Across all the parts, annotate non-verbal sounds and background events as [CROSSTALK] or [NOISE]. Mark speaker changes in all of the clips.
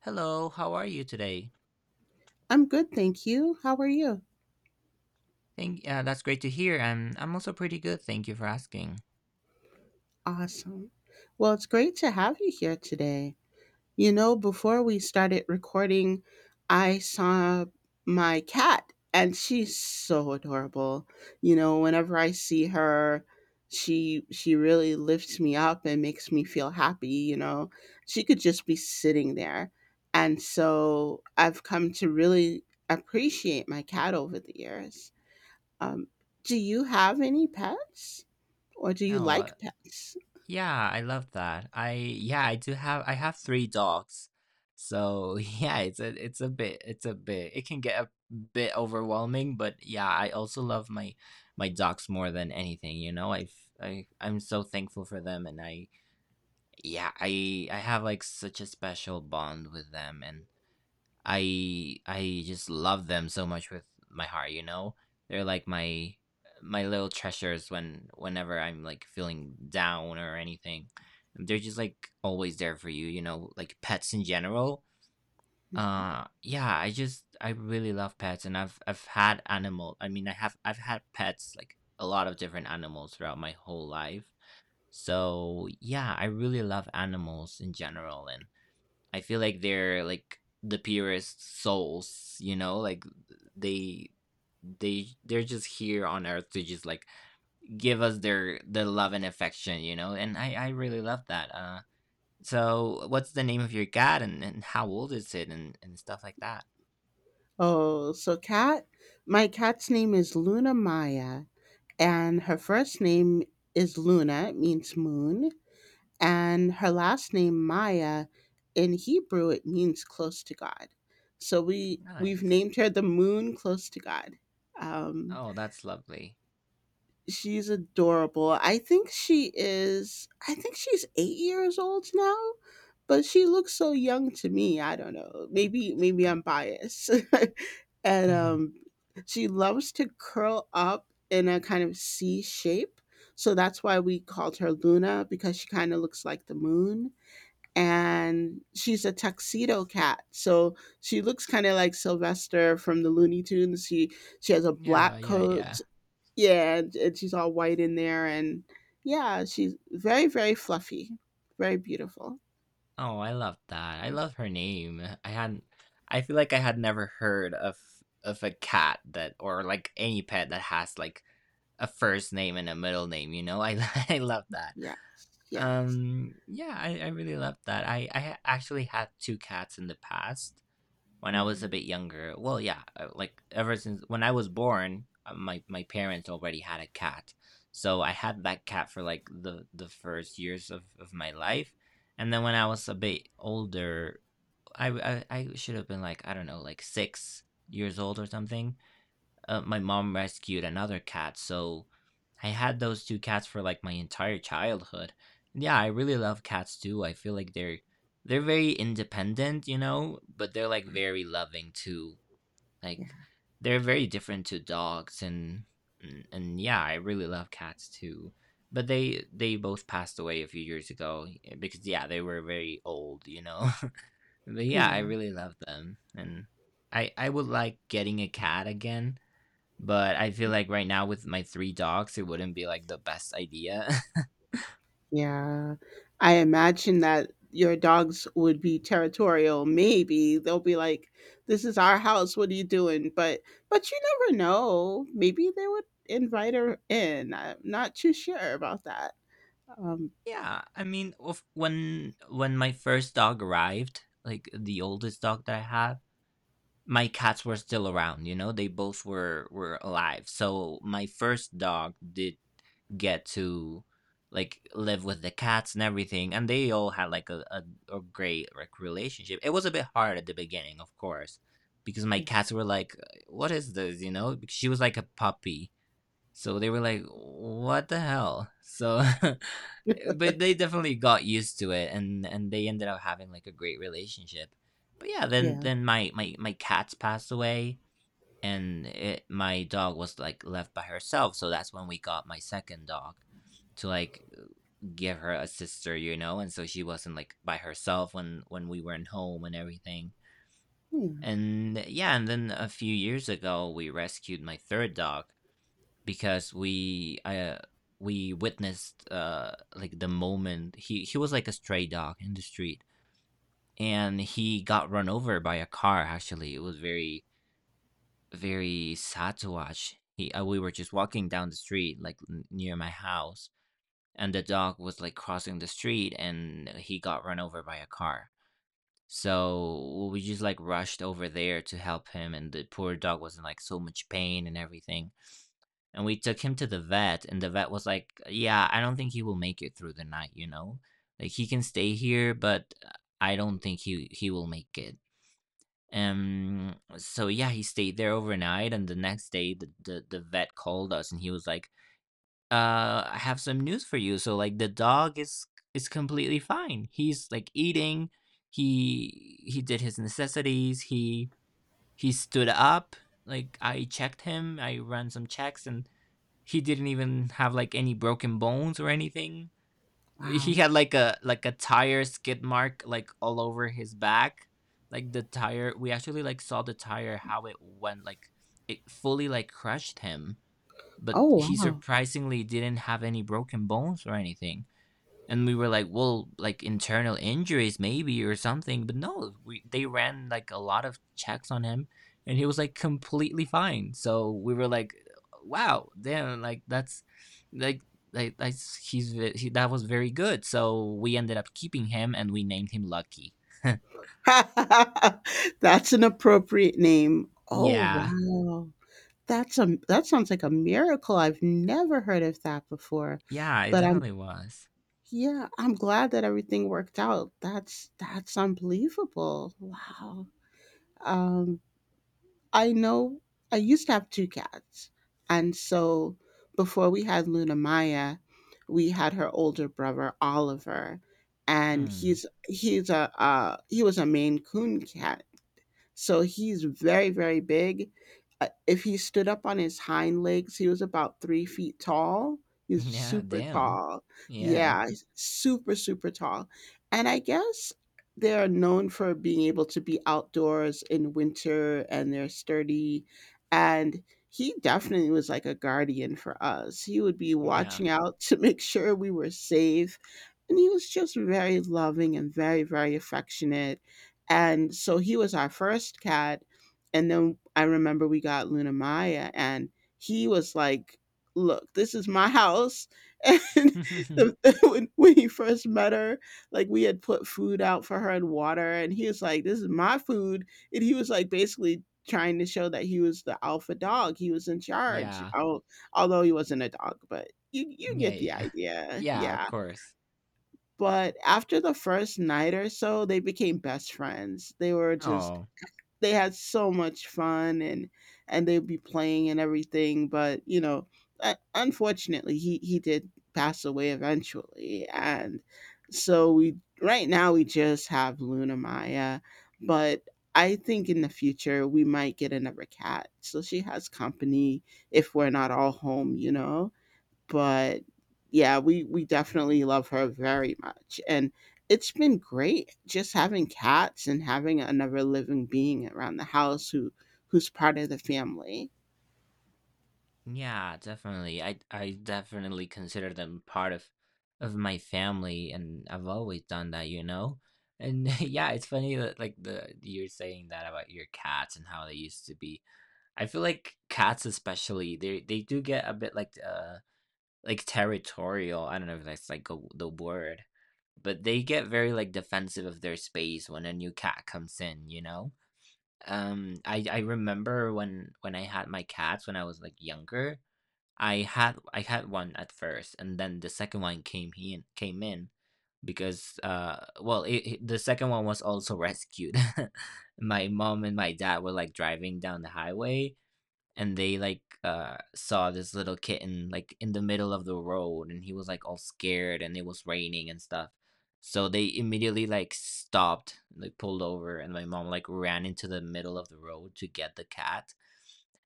Speaker 1: Hello, how are you today?
Speaker 2: I'm good, thank you. How are you?
Speaker 1: That's great to hear. I'm also pretty good. Thank you for asking.
Speaker 2: Awesome. Well, it's great to have you here today. You know, before we started recording, I saw my cat and she's so adorable. You know, whenever I see her, she really lifts me up and makes me feel happy. She could just be sitting there. And so I've come to really appreciate my cat over the years. Um, do you have any pets or do you
Speaker 1: Oh,
Speaker 2: like pets?
Speaker 1: yeah, I love that. I Yeah, I have three dogs. So, [LAUGHS] yeah, it can get a bit overwhelming, but yeah, I also love my dogs more than anything, you know? I'm so thankful for them, and I yeah, I have, like, such a special bond with them, and I just love them so much with my heart, you know? They're like my little treasures whenever I'm, like, feeling down or anything. They're just, like, always there for you, like pets in general.
Speaker 2: Mhm.
Speaker 1: Yeah, I really love pets, and I've had animal I mean, I've had pets, like, a lot of different animals throughout my whole life. So yeah, I really love animals in general, and I feel like they're like the purest souls, you know, like they they're just here on earth to just, like, give us the love and affection, you know. And I really love that. So what's the name of your cat, and how old is it, and stuff like that.
Speaker 2: Oh, so cat, my cat's name is Luna Maya, and her first name is Luna, it means moon, and her last name Maya in Hebrew it means close to God. So we've
Speaker 1: Nice.
Speaker 2: named her the moon close to God. Um,
Speaker 1: Oh, that's lovely.
Speaker 2: she's adorable. I think she's 8 years old now, but she looks so young to me. I don't know. Maybe I'm biased. [LAUGHS] and
Speaker 1: Mm.
Speaker 2: um she loves to curl up in a kind of C shape. So that's why we called her Luna because she kind of looks like the moon. And she's a tuxedo cat. So she looks kind of like Sylvester from the Looney Tunes. She has
Speaker 1: [LAUGHS]
Speaker 2: a
Speaker 1: Yeah,
Speaker 2: black
Speaker 1: yeah, yeah.
Speaker 2: coat, yeah, and she's all white in there, and yeah, she's very very fluffy, very beautiful.
Speaker 1: Oh, I love that. I love her name. I hadn't I feel like I had never heard of a cat that or, like, any pet that has, like, a first name and a middle name you know I [LAUGHS] I love that.
Speaker 2: Yes, yes.
Speaker 1: Yeah, I really love that. I actually had two cats in the past when I was a
Speaker 2: Mhm.
Speaker 1: bit younger. Well, yeah, like, ever since when I was born, my parents already had a cat, so I had that cat for, like, the first years of my life. And then when I was a bit older, I should have been, like, I don't know, like 6 years old or something. My mom rescued another cat, so I had those 2 cats for, like, my entire childhood. Yeah, I really love cats too. I feel like they're very independent, you know, but they're, like, very loving too.
Speaker 2: Yeah,
Speaker 1: Like, they're very different to dogs, and yeah, I really love cats too. But they both passed away a few years ago, because, yeah, they were very old, you know? [LAUGHS] But yeah, I
Speaker 2: yeah,
Speaker 1: really love them, and I would like getting a cat again. But I feel like right now with my 3 dogs, it wouldn't be, like, the best idea. [LAUGHS]
Speaker 2: yeah. I imagine that your dogs would be territorial. Maybe they'll be like, "This is our house. What are you doing?" But you never know. Maybe they would invite her in. I'm not too sure about that. Um,
Speaker 1: Yeah, I mean, of when my first dog arrived, like the oldest dog that I have, my cats were still around, you know, they both were alive. So my first dog did get to, like, live with the cats and everything, and they all had like a great, like, relationship. It was a bit hard at the beginning, of course, because my
Speaker 2: yeah,
Speaker 1: cats were like, "What is this?" You know, because she was like a puppy. So they were like, "What the hell?" So, [LAUGHS] but they definitely got used to it, and they ended up having, like, a great relationship. But yeah, then
Speaker 2: yeah,
Speaker 1: then my cats passed away. My dog was, like, left by herself. So that's when we got my second dog to, like, give her a sister, you know, and so she wasn't, like, by herself when we weren't home and everything.
Speaker 2: yeah.
Speaker 1: And yeah, and then a few years ago we rescued my third dog because we witnessed, like, the moment he was, like, a stray dog in the street, and he got run over by a car. Actually, it was very, very sad to watch. He We were just walking down the street, like, near my house, and the dog was, like, crossing the street, and he got run over by a car, so we just, like, rushed over there to help him, and the poor dog was in, like, so much pain and everything. And we took him to the vet, and the vet was like, "Yeah, I don't think he will make it through the night, you know? Like, he can stay here, but I don't think he will make it." So yeah, he stayed there overnight, and the next day the vet called us, and he was like, I have some news for you. So, like, the dog is completely fine. He's, like, eating, he did his necessities, he stood up. Like, I checked him, I ran some checks, and he didn't even have, like, any broken bones or anything. He had like a tire skid mark, like, all over his back. Like, the tire, we actually, like, saw the tire how it went, like, it fully, like, crushed him, but
Speaker 2: Oh,
Speaker 1: he
Speaker 2: wow.
Speaker 1: surprisingly didn't have any broken bones or anything." And we were like, well, like, internal injuries maybe or something, but no, we they ran, like, a lot of checks on him, and he was, like, completely fine. So we were like, wow, damn, like, that's, like like, that's he's ve- he, that was very good. So we ended up keeping him, and we named him Lucky.
Speaker 2: [LAUGHS] That's an appropriate name. Oh,
Speaker 1: Yeah.
Speaker 2: wow. That sounds like a miracle. I've never heard of that before.
Speaker 1: Yeah, it
Speaker 2: But I'm
Speaker 1: definitely was.
Speaker 2: yeah, I'm glad that everything worked out. That's unbelievable. Wow. Um I know I used to have two cats. And so before we had Luna Maya, we had her older brother Oliver and
Speaker 1: Mm.
Speaker 2: he was a Maine Coon cat so he's very, very big. If he stood up on his hind legs, he was about 3 feet tall.
Speaker 1: [LAUGHS]
Speaker 2: He's
Speaker 1: Yeah,
Speaker 2: super
Speaker 1: damn.
Speaker 2: tall.
Speaker 1: Yeah.
Speaker 2: Yeah, he's super, super tall. And I guess they're known for being able to be outdoors in winter and they're sturdy. And he definitely was like a guardian for us. He would be
Speaker 1: Yeah.
Speaker 2: watching out [LAUGHS] to make sure we were safe. And he was just very loving and very, very affectionate and so he was our first cat. And then I remember we got Luna Maya, and he was like, "Look, this is my house." [LAUGHS] And the,
Speaker 1: [LAUGHS]
Speaker 2: [LAUGHS] when he first met her, like we had put food out for her and water, and he was like, "This is my food." And he was like, basically trying to show that he was the alpha dog, he was in charge.
Speaker 1: Yeah.
Speaker 2: Oh, although he wasn't a dog, but you
Speaker 1: Yeah,
Speaker 2: get the
Speaker 1: yeah.
Speaker 2: idea.
Speaker 1: Yeah, of
Speaker 2: Yeah.
Speaker 1: course.
Speaker 2: But after the first night or so, they became best friends. They were just
Speaker 1: Oh.
Speaker 2: they had so much fun and they'd be playing and everything, but unfortunately, he did pass away eventually. And so we right now we just have Luna Maya, but I think in the future we might get another cat. So she has company if we're not all home. But yeah, we definitely love her very much, and it's been great just having cats and having another living being around the house who's part of the family.
Speaker 1: Yeah, definitely. I definitely consider them part of my family, and I've always done that, you know. And [LAUGHS] yeah, it's funny that, like, the you're saying that about your cats and how they used to be. I feel like cats, especially, they do get a bit, like, like, territorial. I don't know if that's like the word, but they get very, like, defensive of their space when a new cat comes in, you know. I remember when I had my cats when I was, like, younger. I had one at first, and then the second one came in because well, the second one was also rescued. [LAUGHS] My mom and my dad were, like, driving down the highway, and they, like, saw this little kitten, like, in the middle of the road, and he was, like, all scared, and it was raining and stuff. So they immediately, like, stopped, like, pulled over, and my mom, like, ran into the middle of the road to get the cat,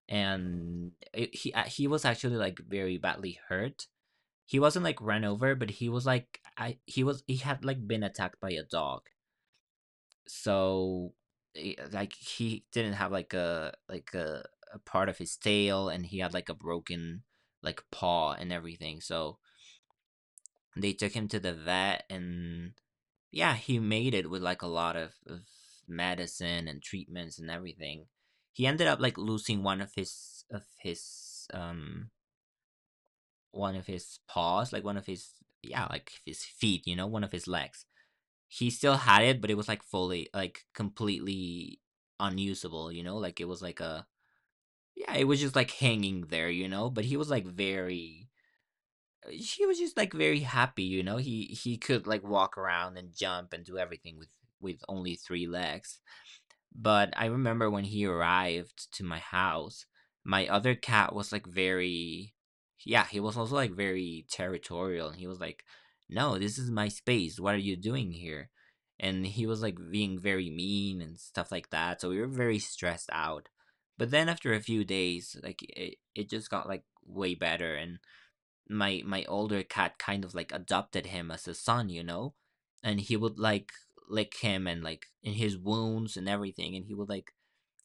Speaker 1: and he was actually, like, very badly hurt. He wasn't, like, run over, but he was, like, I he was he had, like, been attacked by a dog. So like, he didn't have like a part of his tail, and he had, like, a broken, like, paw and everything. So they took him to the vet, and yeah, he made it with, like, a lot of medicine and treatments and everything. He ended up, like, losing one of his one of his paws, like, one of his, yeah, like, his feet, you know, one of his legs. He still had it, but it was, like, fully, like, completely unusable, you know, like, it was like a yeah, it was just, like, hanging there, you know, but he was like very he was just, like, very happy, you know. He could, like, walk around and jump and do everything with only three legs. But I remember when he arrived to my house, my other cat was like yeah, he was also, like, very territorial. And he was like, no, this is my space. What are you doing here? And he was, like, being very mean and stuff like that. So we were very stressed out. But then after a few days, like, it just got, like, way better. And my older cat kind of, like, adopted him as a son, you know, and he would like lick him and, like, in his wounds and everything, and he would, like,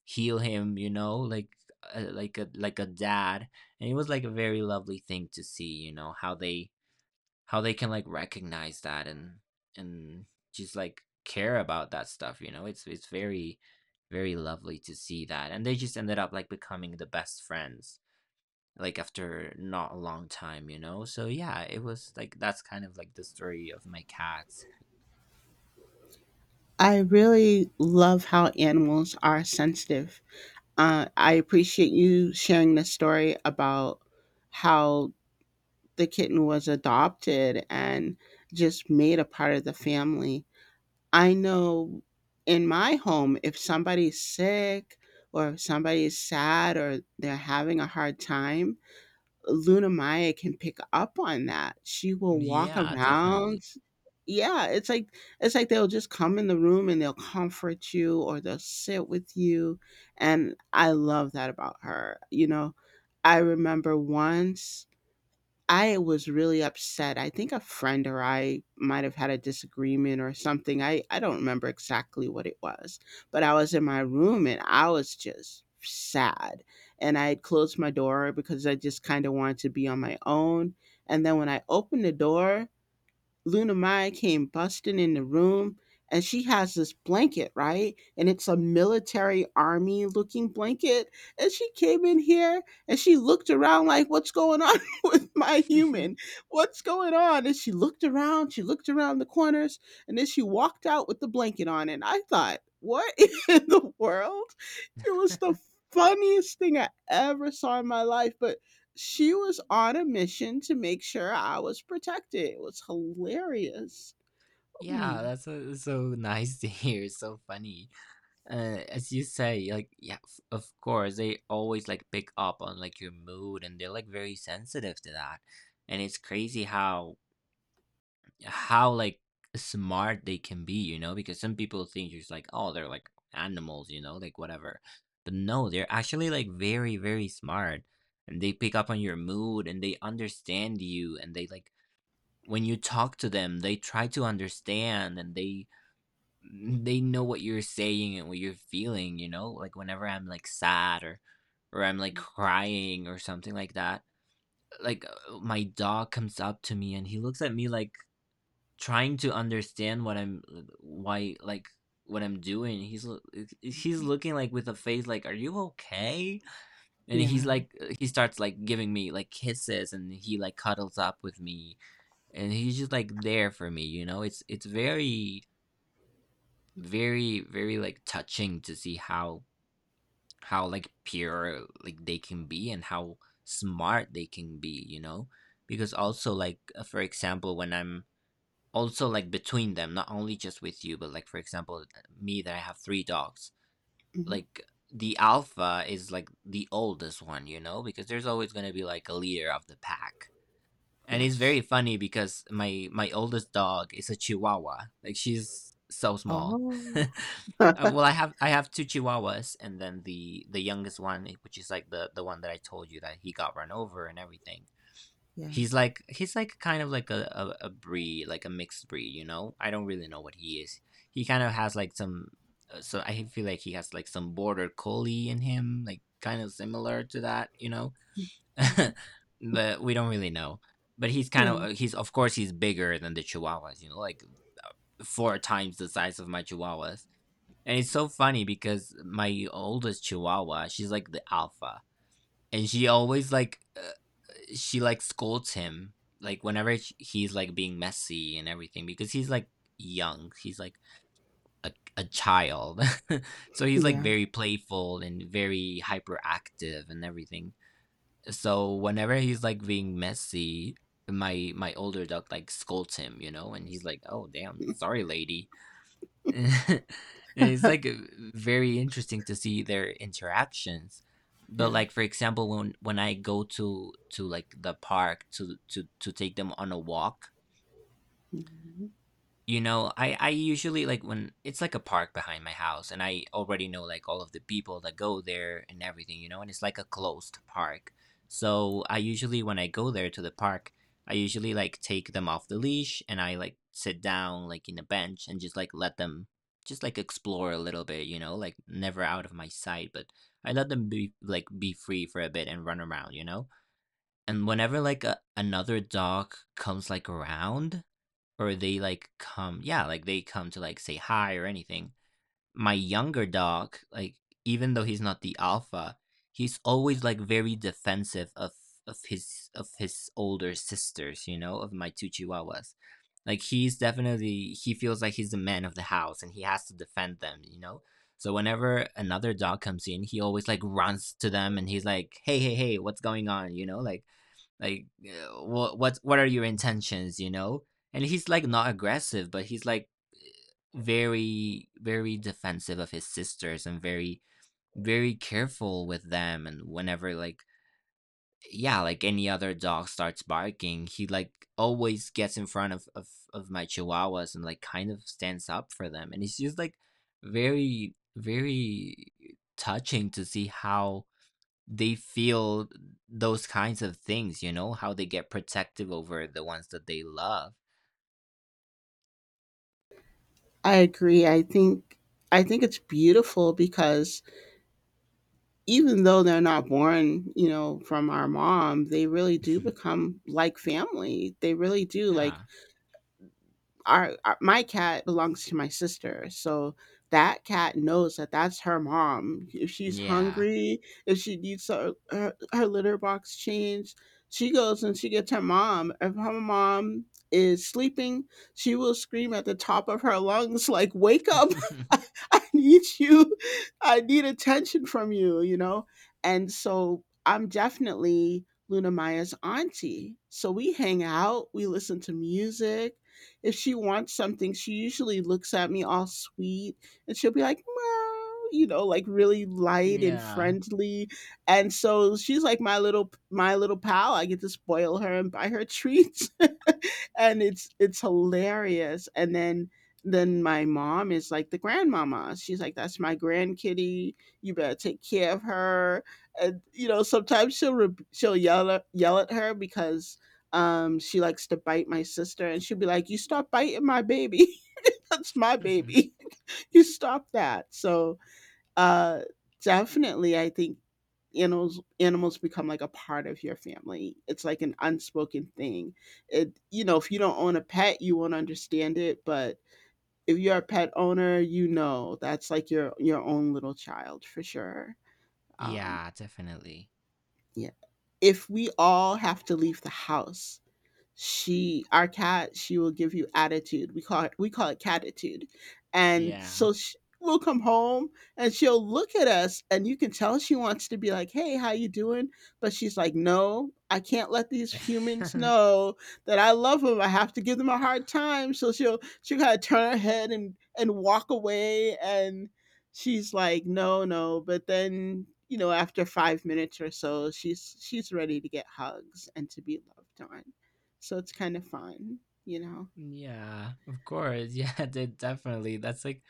Speaker 1: heal him, you know, like, like a dad. And it was, like, a very lovely thing to see, you know, how they can, like, recognize that, and and just, like, care about that stuff, you know. It's very, very lovely to see that, and they just ended up, like, becoming the best friends, like, after not a long time, you know? So yeah, it was like, that's kind of, like, the story of my cats.
Speaker 2: I really love how animals are sensitive. I appreciate you sharing the story about how the kitten was adopted and just made a part of the family. I know in my home, if somebody's sick or if somebody's sad or they're having a hard time, Luna Maya can pick up on that. She will walk
Speaker 1: Yeah, definitely.
Speaker 2: around. Yeah, it's like they'll just come in the room and they'll comfort you or they'll sit with you. And I love that about her. You know, I remember once I was really upset. I think a friend or I might have had a disagreement or something. I don't remember exactly what it was, but I was in my room and I was just sad. And I had closed my door because I just kind of wanted to be on my own. And then when I opened the door, Luna Maya came busting in the room and she has this blanket, right? And it's a military army looking blanket. And she came in here and she looked around like, what's going on [LAUGHS] with my human?
Speaker 1: [LAUGHS]
Speaker 2: What's going on? And she looked around the corners, and then she walked out with the blanket on. And I thought, what [LAUGHS] in the world? It was the funniest thing I ever saw in my life, but she was on a mission to make sure I was protected. It was hilarious.
Speaker 1: Yeah,
Speaker 2: Mm,
Speaker 1: that's, so nice to hear. So funny. As you say, like, yeah, of course they always like pick up on like your mood, and they're like very sensitive to that. And it's crazy how like smart they can be, you know, because some people think you're just like, oh, they're like animals, you know, like whatever. But no, they're actually like very, very smart. And they pick up on your mood and they understand you and they like when you talk to them, they try to understand and they they know what you're saying and what you're feeling, you know? Like whenever I'm like sad or I'm like crying or something like that. Like my dog comes up to me and he looks at me like trying to understand what I'm, why like, what I'm doing. He's looking like with a face like, "Are you okay?" And he's
Speaker 2: yeah.
Speaker 1: like he starts like giving me like kisses and he like cuddles up with me and he's just like there for me, you know? It's very very like touching to see how like pure like they can be and how smart they can be, you know? Because also like for example, when I'm also, like, between them, not only just with you, but, like, for example, me that I have 3 dogs,
Speaker 2: Mhm.
Speaker 1: like, the alpha is, like, the oldest one, you know, because there's always gonna be, like, a leader of the pack. And it's
Speaker 2: Yes.
Speaker 1: very funny because my oldest dog is a chihuahua, like, she's so small. [LAUGHS]
Speaker 2: Oh. [LAUGHS]
Speaker 1: Well, I have 2 chihuahuas, and then the youngest one, which is, like, the one that I told you that he got run over and everything.
Speaker 2: Yeah.
Speaker 1: He's like kind of like a breed, like a mixed breed, you know? I don't really know what he is. He kind of has like some so I feel like he has like some border collie in him, like kind of similar to that, you know? [LAUGHS] But we don't really know. But he's kind of
Speaker 2: Yeah.
Speaker 1: he's, of course, he's bigger than the chihuahuas, you know, like four times the size of my chihuahuas. And it's so funny because my oldest chihuahua, she's like the alpha, and she always like she like scolds him like whenever he's like being messy and everything because he's like young, he's like a, a child, [LAUGHS] so he's like
Speaker 2: Yeah.
Speaker 1: very playful and very hyperactive and everything. So whenever he's like being messy, my older duck like scolds him, you know, and he's like, "Oh damn, sorry, lady." [LAUGHS] And it's like very interesting to see their interactions. But
Speaker 2: Yeah.
Speaker 1: like, for example, when I go to like the park to to take them on a walk, you know, I usually like when it's like a park behind my house and I already know like all of the people that go there and everything, you know, and it's like a closed park. So I usually, when I go there to the park, I usually like take them off the leash and I like sit down like in a bench and just like let them just like explore a little bit, you know, like never out of my sight, but I let them be like be free for a bit and run around, you know? And whenever like another dog comes like around, or they like come, yeah, like they come to like say hi or anything, my younger dog, like, even though he's not the alpha, he's always like very defensive of of his older sisters, you know, of my two chihuahuas. Like, he's definitely, he feels like he's the man of the house and he has to defend them, you know. So whenever another dog comes in, he always like runs to them and he's like, "Hey, hey, hey, what's going on, you know, like, what what are your intentions?" You know? And he's like not aggressive, but he's like very, very defensive of his sisters and very, very careful with them. And whenever like, yeah, like any other dog starts barking, he like always gets in front of of my chihuahuas and like kind of stands up for them. And it's just like very, very touching to see how they feel those kinds of things, you know, how they get protective over the ones that they love.
Speaker 2: I agree. I think it's beautiful because even though they're not born, from our mom, they really do
Speaker 1: [LAUGHS]
Speaker 2: become like family. They really do. Like
Speaker 1: yeah.
Speaker 2: our my cat belongs to my sister, so that cat knows that that's her mom. If she's
Speaker 1: Yeah.
Speaker 2: hungry, if she needs her litter box changed, she goes and she gets her mom. If her mom is sleeping, she will scream at the top of her lungs, like, wake up, [LAUGHS] i
Speaker 1: [LAUGHS]
Speaker 2: I need you, I need attention from you, you know and so I'm definitely Luna Maya's auntie, so we hang out, we listen to music. If she wants something, she usually looks at me all sweet and she'll be like, "Meow," like really light and
Speaker 1: yeah.
Speaker 2: friendly. And so she's like my little pal. I get to spoil her and buy her treats. [LAUGHS] And it's hilarious. And then my mom is like the grandmama. She's like, "That's my grandkitty. You better take care of her." And sometimes she'll she'll yell at her because she likes to bite my sister, and she'll be like, "You stop biting my baby. [LAUGHS] That's my
Speaker 1: [LAUGHS]
Speaker 2: baby. [LAUGHS] You stop that." So, uh, definitely, I think animals become like a part of your family. It's like an unspoken thing. If you don't own a pet, you won't understand it, but if you're a pet owner, you know that's like your own little child for sure. Um,
Speaker 1: yeah, definitely.
Speaker 2: yeah. If we all have to leave the house, she, our cat, she will give you attitude, we call it catitude, and
Speaker 1: Yeah.
Speaker 2: so we'll come home and she'll look at us, and you can tell she wants to be like, "Hey, how you doing?" But she's like, "No, I can't let these humans
Speaker 1: [LAUGHS]
Speaker 2: know that I love them. I have to give them a hard time." So she'll kind of turn her head and walk away, and she's like, "No, no," but then after 5 minutes or so she's ready to get hugs and to be loved on, so it's kind of fun, you know?
Speaker 1: yeah, of course. Yeah, [LAUGHS] definitely. That's like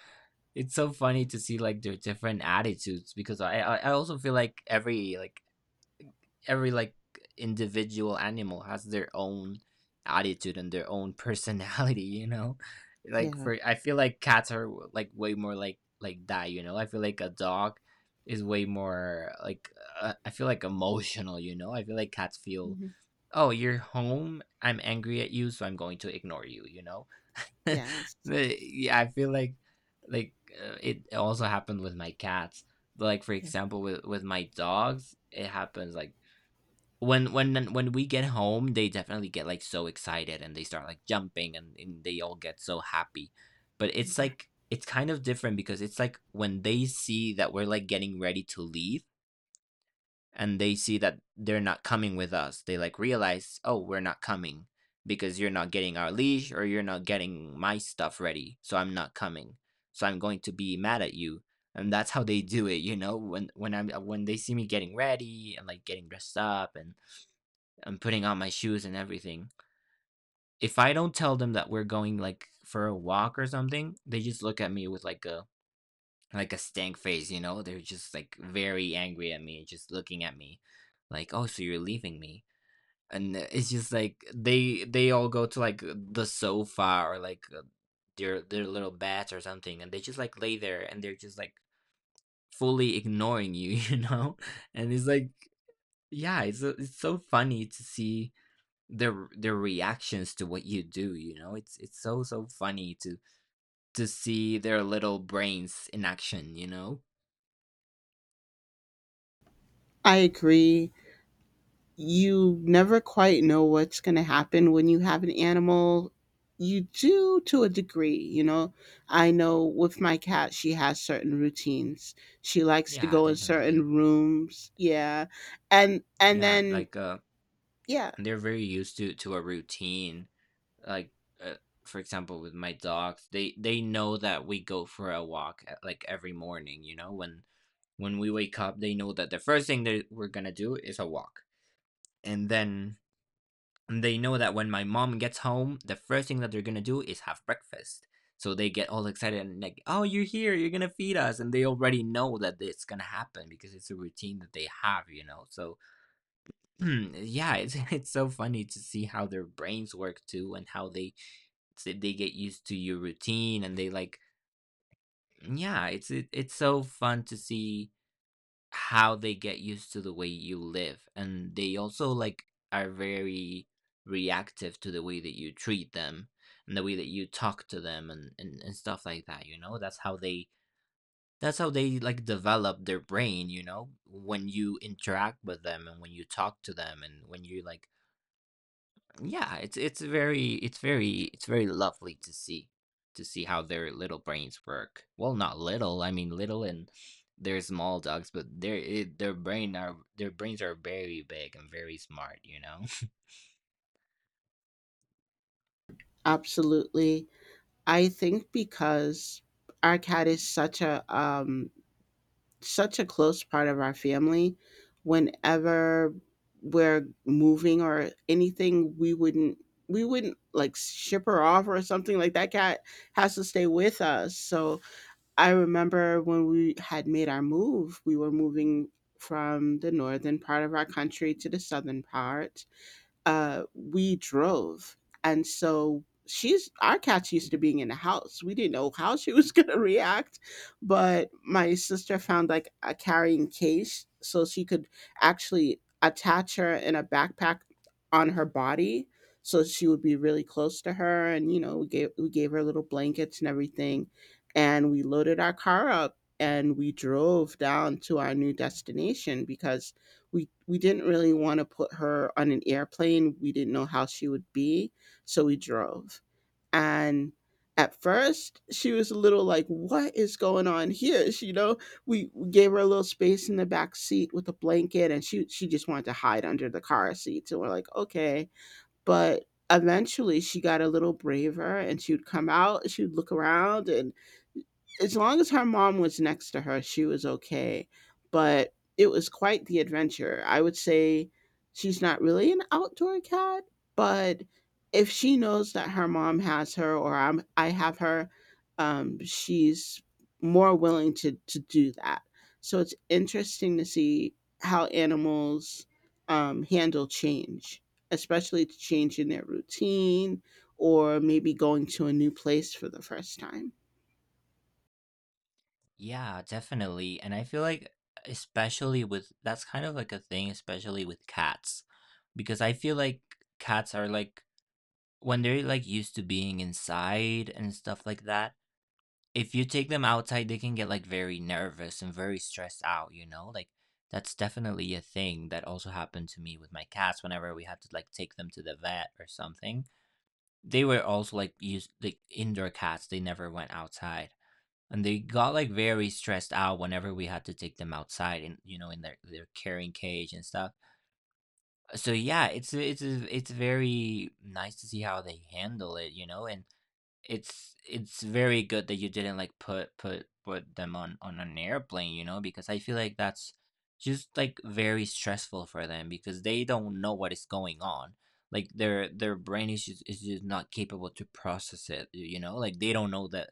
Speaker 1: it's so funny to see like their different attitudes because I also feel like every like every like individual animal has their own attitude and their own [LAUGHS] personality, you know. [LAUGHS] like,
Speaker 2: Yeah.
Speaker 1: for, I feel like cats are like way more like that, you know. I feel like a dog is way more like I feel like emotional, you know. I feel like cats feel,
Speaker 2: Mhm.
Speaker 1: "Oh, you're home, I'm angry at you, so I'm going to ignore you," you know. [LAUGHS]
Speaker 2: Yes.
Speaker 1: But, yeah, I feel like it also happened with my cats, but like for
Speaker 2: Yeah.
Speaker 1: example with my dogs it happens like when when we get home they definitely get like so excited and they start like jumping and they all get so happy. But it's like it's kind of different because it's like when they see that we're like getting ready to leave and they see that they're not coming with us, they like realize, oh, we're not coming because you're not getting our leash or you're not getting my stuff ready, so I'm not coming, so I'm going to be mad at you. And that's how they do it, you know, when I'm when they see me getting ready and like getting dressed up and I'm putting on my shoes and everything. If I don't tell them that we're going like for a walk or something, they just look at me with like a stank face, you know? They're just like very angry at me, just looking at me like, "Oh, so you're leaving me." And it's just like they all go to like the sofa or like their little beds or something and they just like lay there and they're just like fully ignoring you, [LAUGHS] you know? And it's like yeah, it's so funny to see their reactions to what you do, you know. It's so so funny to see their little brains in action, you know.
Speaker 2: I agree. You never quite know what's going to happen when you have an animal. You do to a degree. I know with my cat, she has certain routines. She likes to
Speaker 1: Yeah,
Speaker 2: go in
Speaker 1: definitely.
Speaker 2: certain rooms. Yeah. And
Speaker 1: Yeah,
Speaker 2: then
Speaker 1: like
Speaker 2: yeah,
Speaker 1: they're very used to a routine, like uh, for example with my dogs, they know that we go for a walk, like every morning, you know, when we wake up, they know that the first thing that we're gonna do is a walk. And then and they know that when my mom gets home, the first thing that they're gonna do is have breakfast. So they get all excited and like, "Oh, you're here! You're gonna feed us!" And they already know that it's gonna happen because it's a routine that they have, you know. So [CLEARS THROAT] yeah, it's [LAUGHS] it's so funny to see how their brains work too, and how they get used to your routine and they like. Yeah, it's it's so fun to see how they get used to the way you live, and they also like are very reactive to the way that you treat them and the way that you talk to them and stuff like that, you know. That's how they that's how they like develop their brain, you know, when you interact with them and when you talk to them and when you like, yeah, it's very it's very it's very lovely to see how their little brains work. Well, not little. I mean, little and they're small dogs, but their brain are their brains are very big and very smart. You know.
Speaker 2: absolutely. I think because our cat is such a close part of our family. Whenever we're moving or anything, we wouldn't like ship her off or something, like that cat has to stay with us. So I remember when we had made our move, we were moving from the northern part of our country to the southern part. We drove. And so she's our cat's used to being in the house. We didn't know how she was [LAUGHS] going to react, but my sister found like a carrying case so she could actually attach her in a backpack on her body so she would be really close to her, and we gave her little blankets and everything, and we loaded our car up and we drove down to our new destination because we didn't really want to put her on an airplane. We didn't know how she would be, so we drove. And at first, she was a little like, "What is going on here?" [LAUGHS] She, you know, we gave her a little space in the back seat with a blanket, and she just wanted to hide under the car seat. So we're like, "Okay," but eventually she got a little braver and she would come out, she would look around, and as long as her mom was next to her, she was okay. But it was quite the adventure. I would say she's not really an outdoor cat, but if she knows that her mom has her or I have her, she's more willing to do that. So it's interesting to see how animals handle change, especially to change in their routine or maybe going to a new place for the first time.
Speaker 1: [LAUGHS] yeah, definitely. And I feel like especially with that's kind of like a thing, especially with cats, because I feel like cats are like when they're like used to being inside and stuff like that, if you take them outside, they can get, like, very nervous and very stressed out, you know? Like, that's definitely a thing that also happened to me with my cats whenever we had to, like, take them to the vet or something. They were also, like, used, like, indoor cats, they never went outside, and they got, like, very stressed out whenever we had to take them outside and, you know, in their carrying cage and stuff. So, yeah, it's very nice to see how they handle it, you know, and it's very good that you didn't like put them on an airplane, you know, because I feel like that's just like very stressful for them because they don't know what is going on. Like their brain is just not capable to process it, you know. Like they don't know that,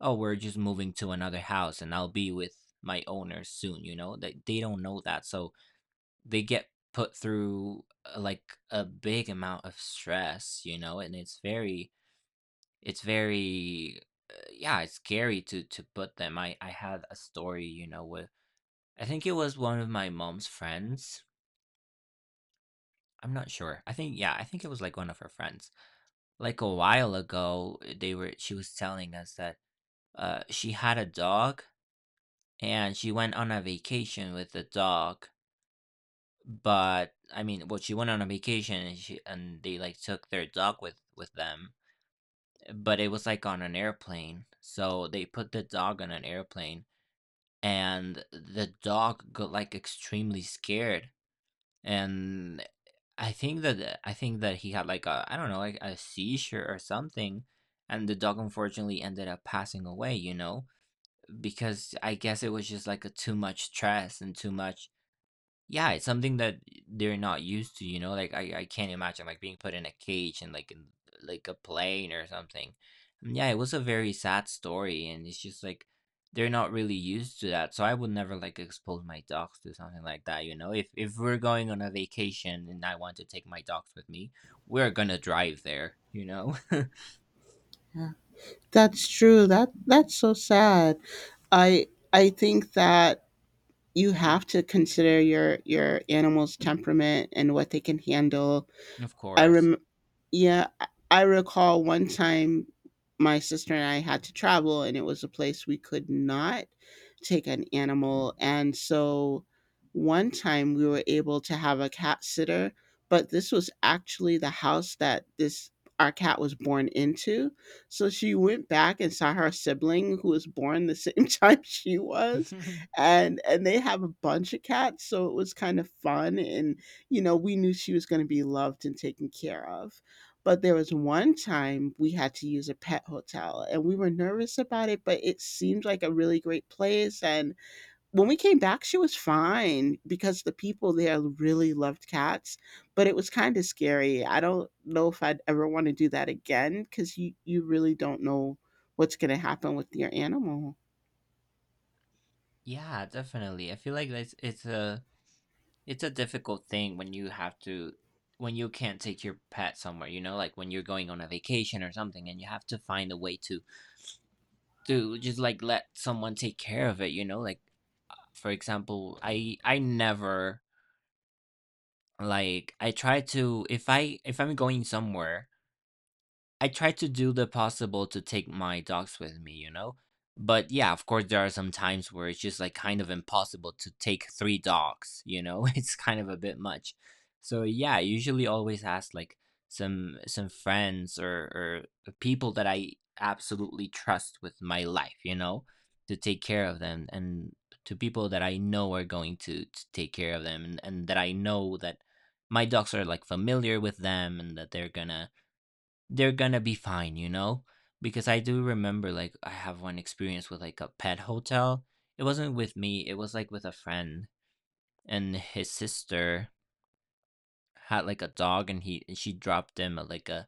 Speaker 1: oh, we're just moving to another house and I'll be with my owner soon, you know. That they don't know that. So they get put through like a big amount of stress, you know, and it's very, it's very, yeah, it's scary to put them. I had a story, you know, with, I think it was one of my mom's friends. I'm not sure. I think, yeah, I think it was like one of her friends. Like a while ago, they were, she was telling us that she had a dog and she went on a vacation with the dog. But I mean, well, she went on a vacation and she, and they like took their dog with them, but it was like on an airplane. So they put the dog on an airplane and the dog got like extremely scared, and I think that he had like a, I don't know, like a seizure or something. And the dog unfortunately ended up passing away, you know, because I guess it was just like a too much stress and too much, yeah, it's something that they're not used to, you know? Like I can't imagine like being put in a cage and like in like a plane or something. And yeah, it was a very sad story, and it's just like they're not really used to that. So I would never like expose my dogs to something like that, you know? If we're going on a vacation and I want to take my dogs with me, we're gonna drive there, you know? [LAUGHS]
Speaker 2: That's true. That's so sad. I think that you have to consider your animal's temperament and what they can handle.
Speaker 1: Of
Speaker 2: I
Speaker 1: course.
Speaker 2: rem Yeah, I recall one time my sister and I had to travel and it was a place we could not take an animal, and so one time we were able to have a cat sitter, but this was actually the house that this our cat was born into. So she went back and saw her sibling who was born the same [LAUGHS] time she was,
Speaker 1: [LAUGHS]
Speaker 2: and they have a bunch of cats, so it was kind of fun, and we knew she was going to be loved and taken care of. But there was one time we had to use a pet hotel and we were nervous about it, but it seemed like a really great place. And when we came back, she was fine because the people there really loved cats, but it was kind of scary. I don't know if I'd ever want to do that again because you really don't know what's going to happen with your animal.
Speaker 1: Yeah, definitely. I feel like it's a it's a difficult thing when you have to, when you can't take your pet somewhere, you know, like when you're going on a vacation or something and you have to find a way to just like let someone take care of it, you know. Like for example, I never, like, I try to, if I'm going somewhere, I try to do the possible to take my dogs with me, you know? But yeah, of course, there are some times where it's just like kind of impossible to take three dogs, you know? [LAUGHS] It's kind of a bit much. So yeah, I usually always ask like some friends or people that I absolutely trust with my life, you know, to take care of them, and to people that I know are going to take care of them, and that I know that my dogs are like familiar with them, and that they're gonna be fine, you know? Because I do remember, like, I have one experience with like a pet hotel. It wasn't with me, it was like with a friend, and his sister had like a dog, and he, she dropped him at like a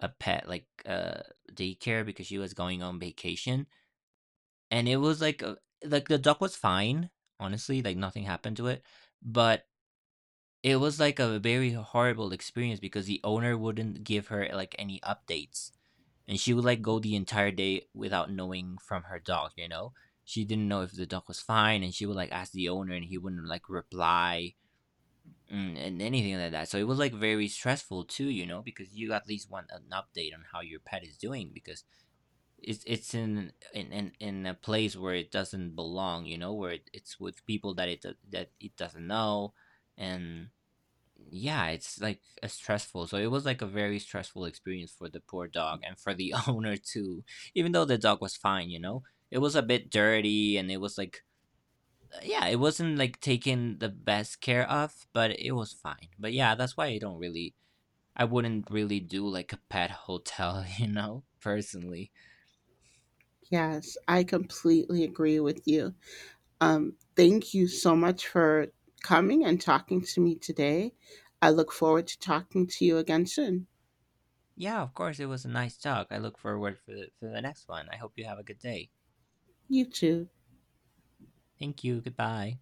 Speaker 1: pet like daycare because she was going on vacation. And it was like a, like the dog was fine, honestly, like nothing happened to it, but it was like a very horrible experience because the owner wouldn't give her like any updates, and she would like go the entire day without knowing from her dog, you know. She didn't know if the dog was fine, and she would like ask the owner and he wouldn't like reply, and anything like that. So it was like very stressful too, you know, because you at least want an update on how your pet is doing because it's in a place where it doesn't belong, you know, where it, it's with people that it that it doesn't know. And yeah, it's like a stressful. So it was like a very stressful experience for the poor dog and for the [LAUGHS] owner too. Even though the dog was fine, you know, it was a bit dirty and it was like, yeah, it wasn't like taken the best care of, but it was fine. But yeah, that's why I don't really, I wouldn't really do like a pet hotel, [LAUGHS] you know, personally.
Speaker 2: Yes, I completely agree with you. Thank you so much for coming and talking to me today. I look forward to talking to you again soon.
Speaker 1: Yeah, of course, it was a nice talk. I look forward for the next one. I hope you have a good day.
Speaker 2: You too.
Speaker 1: Thank you. Goodbye.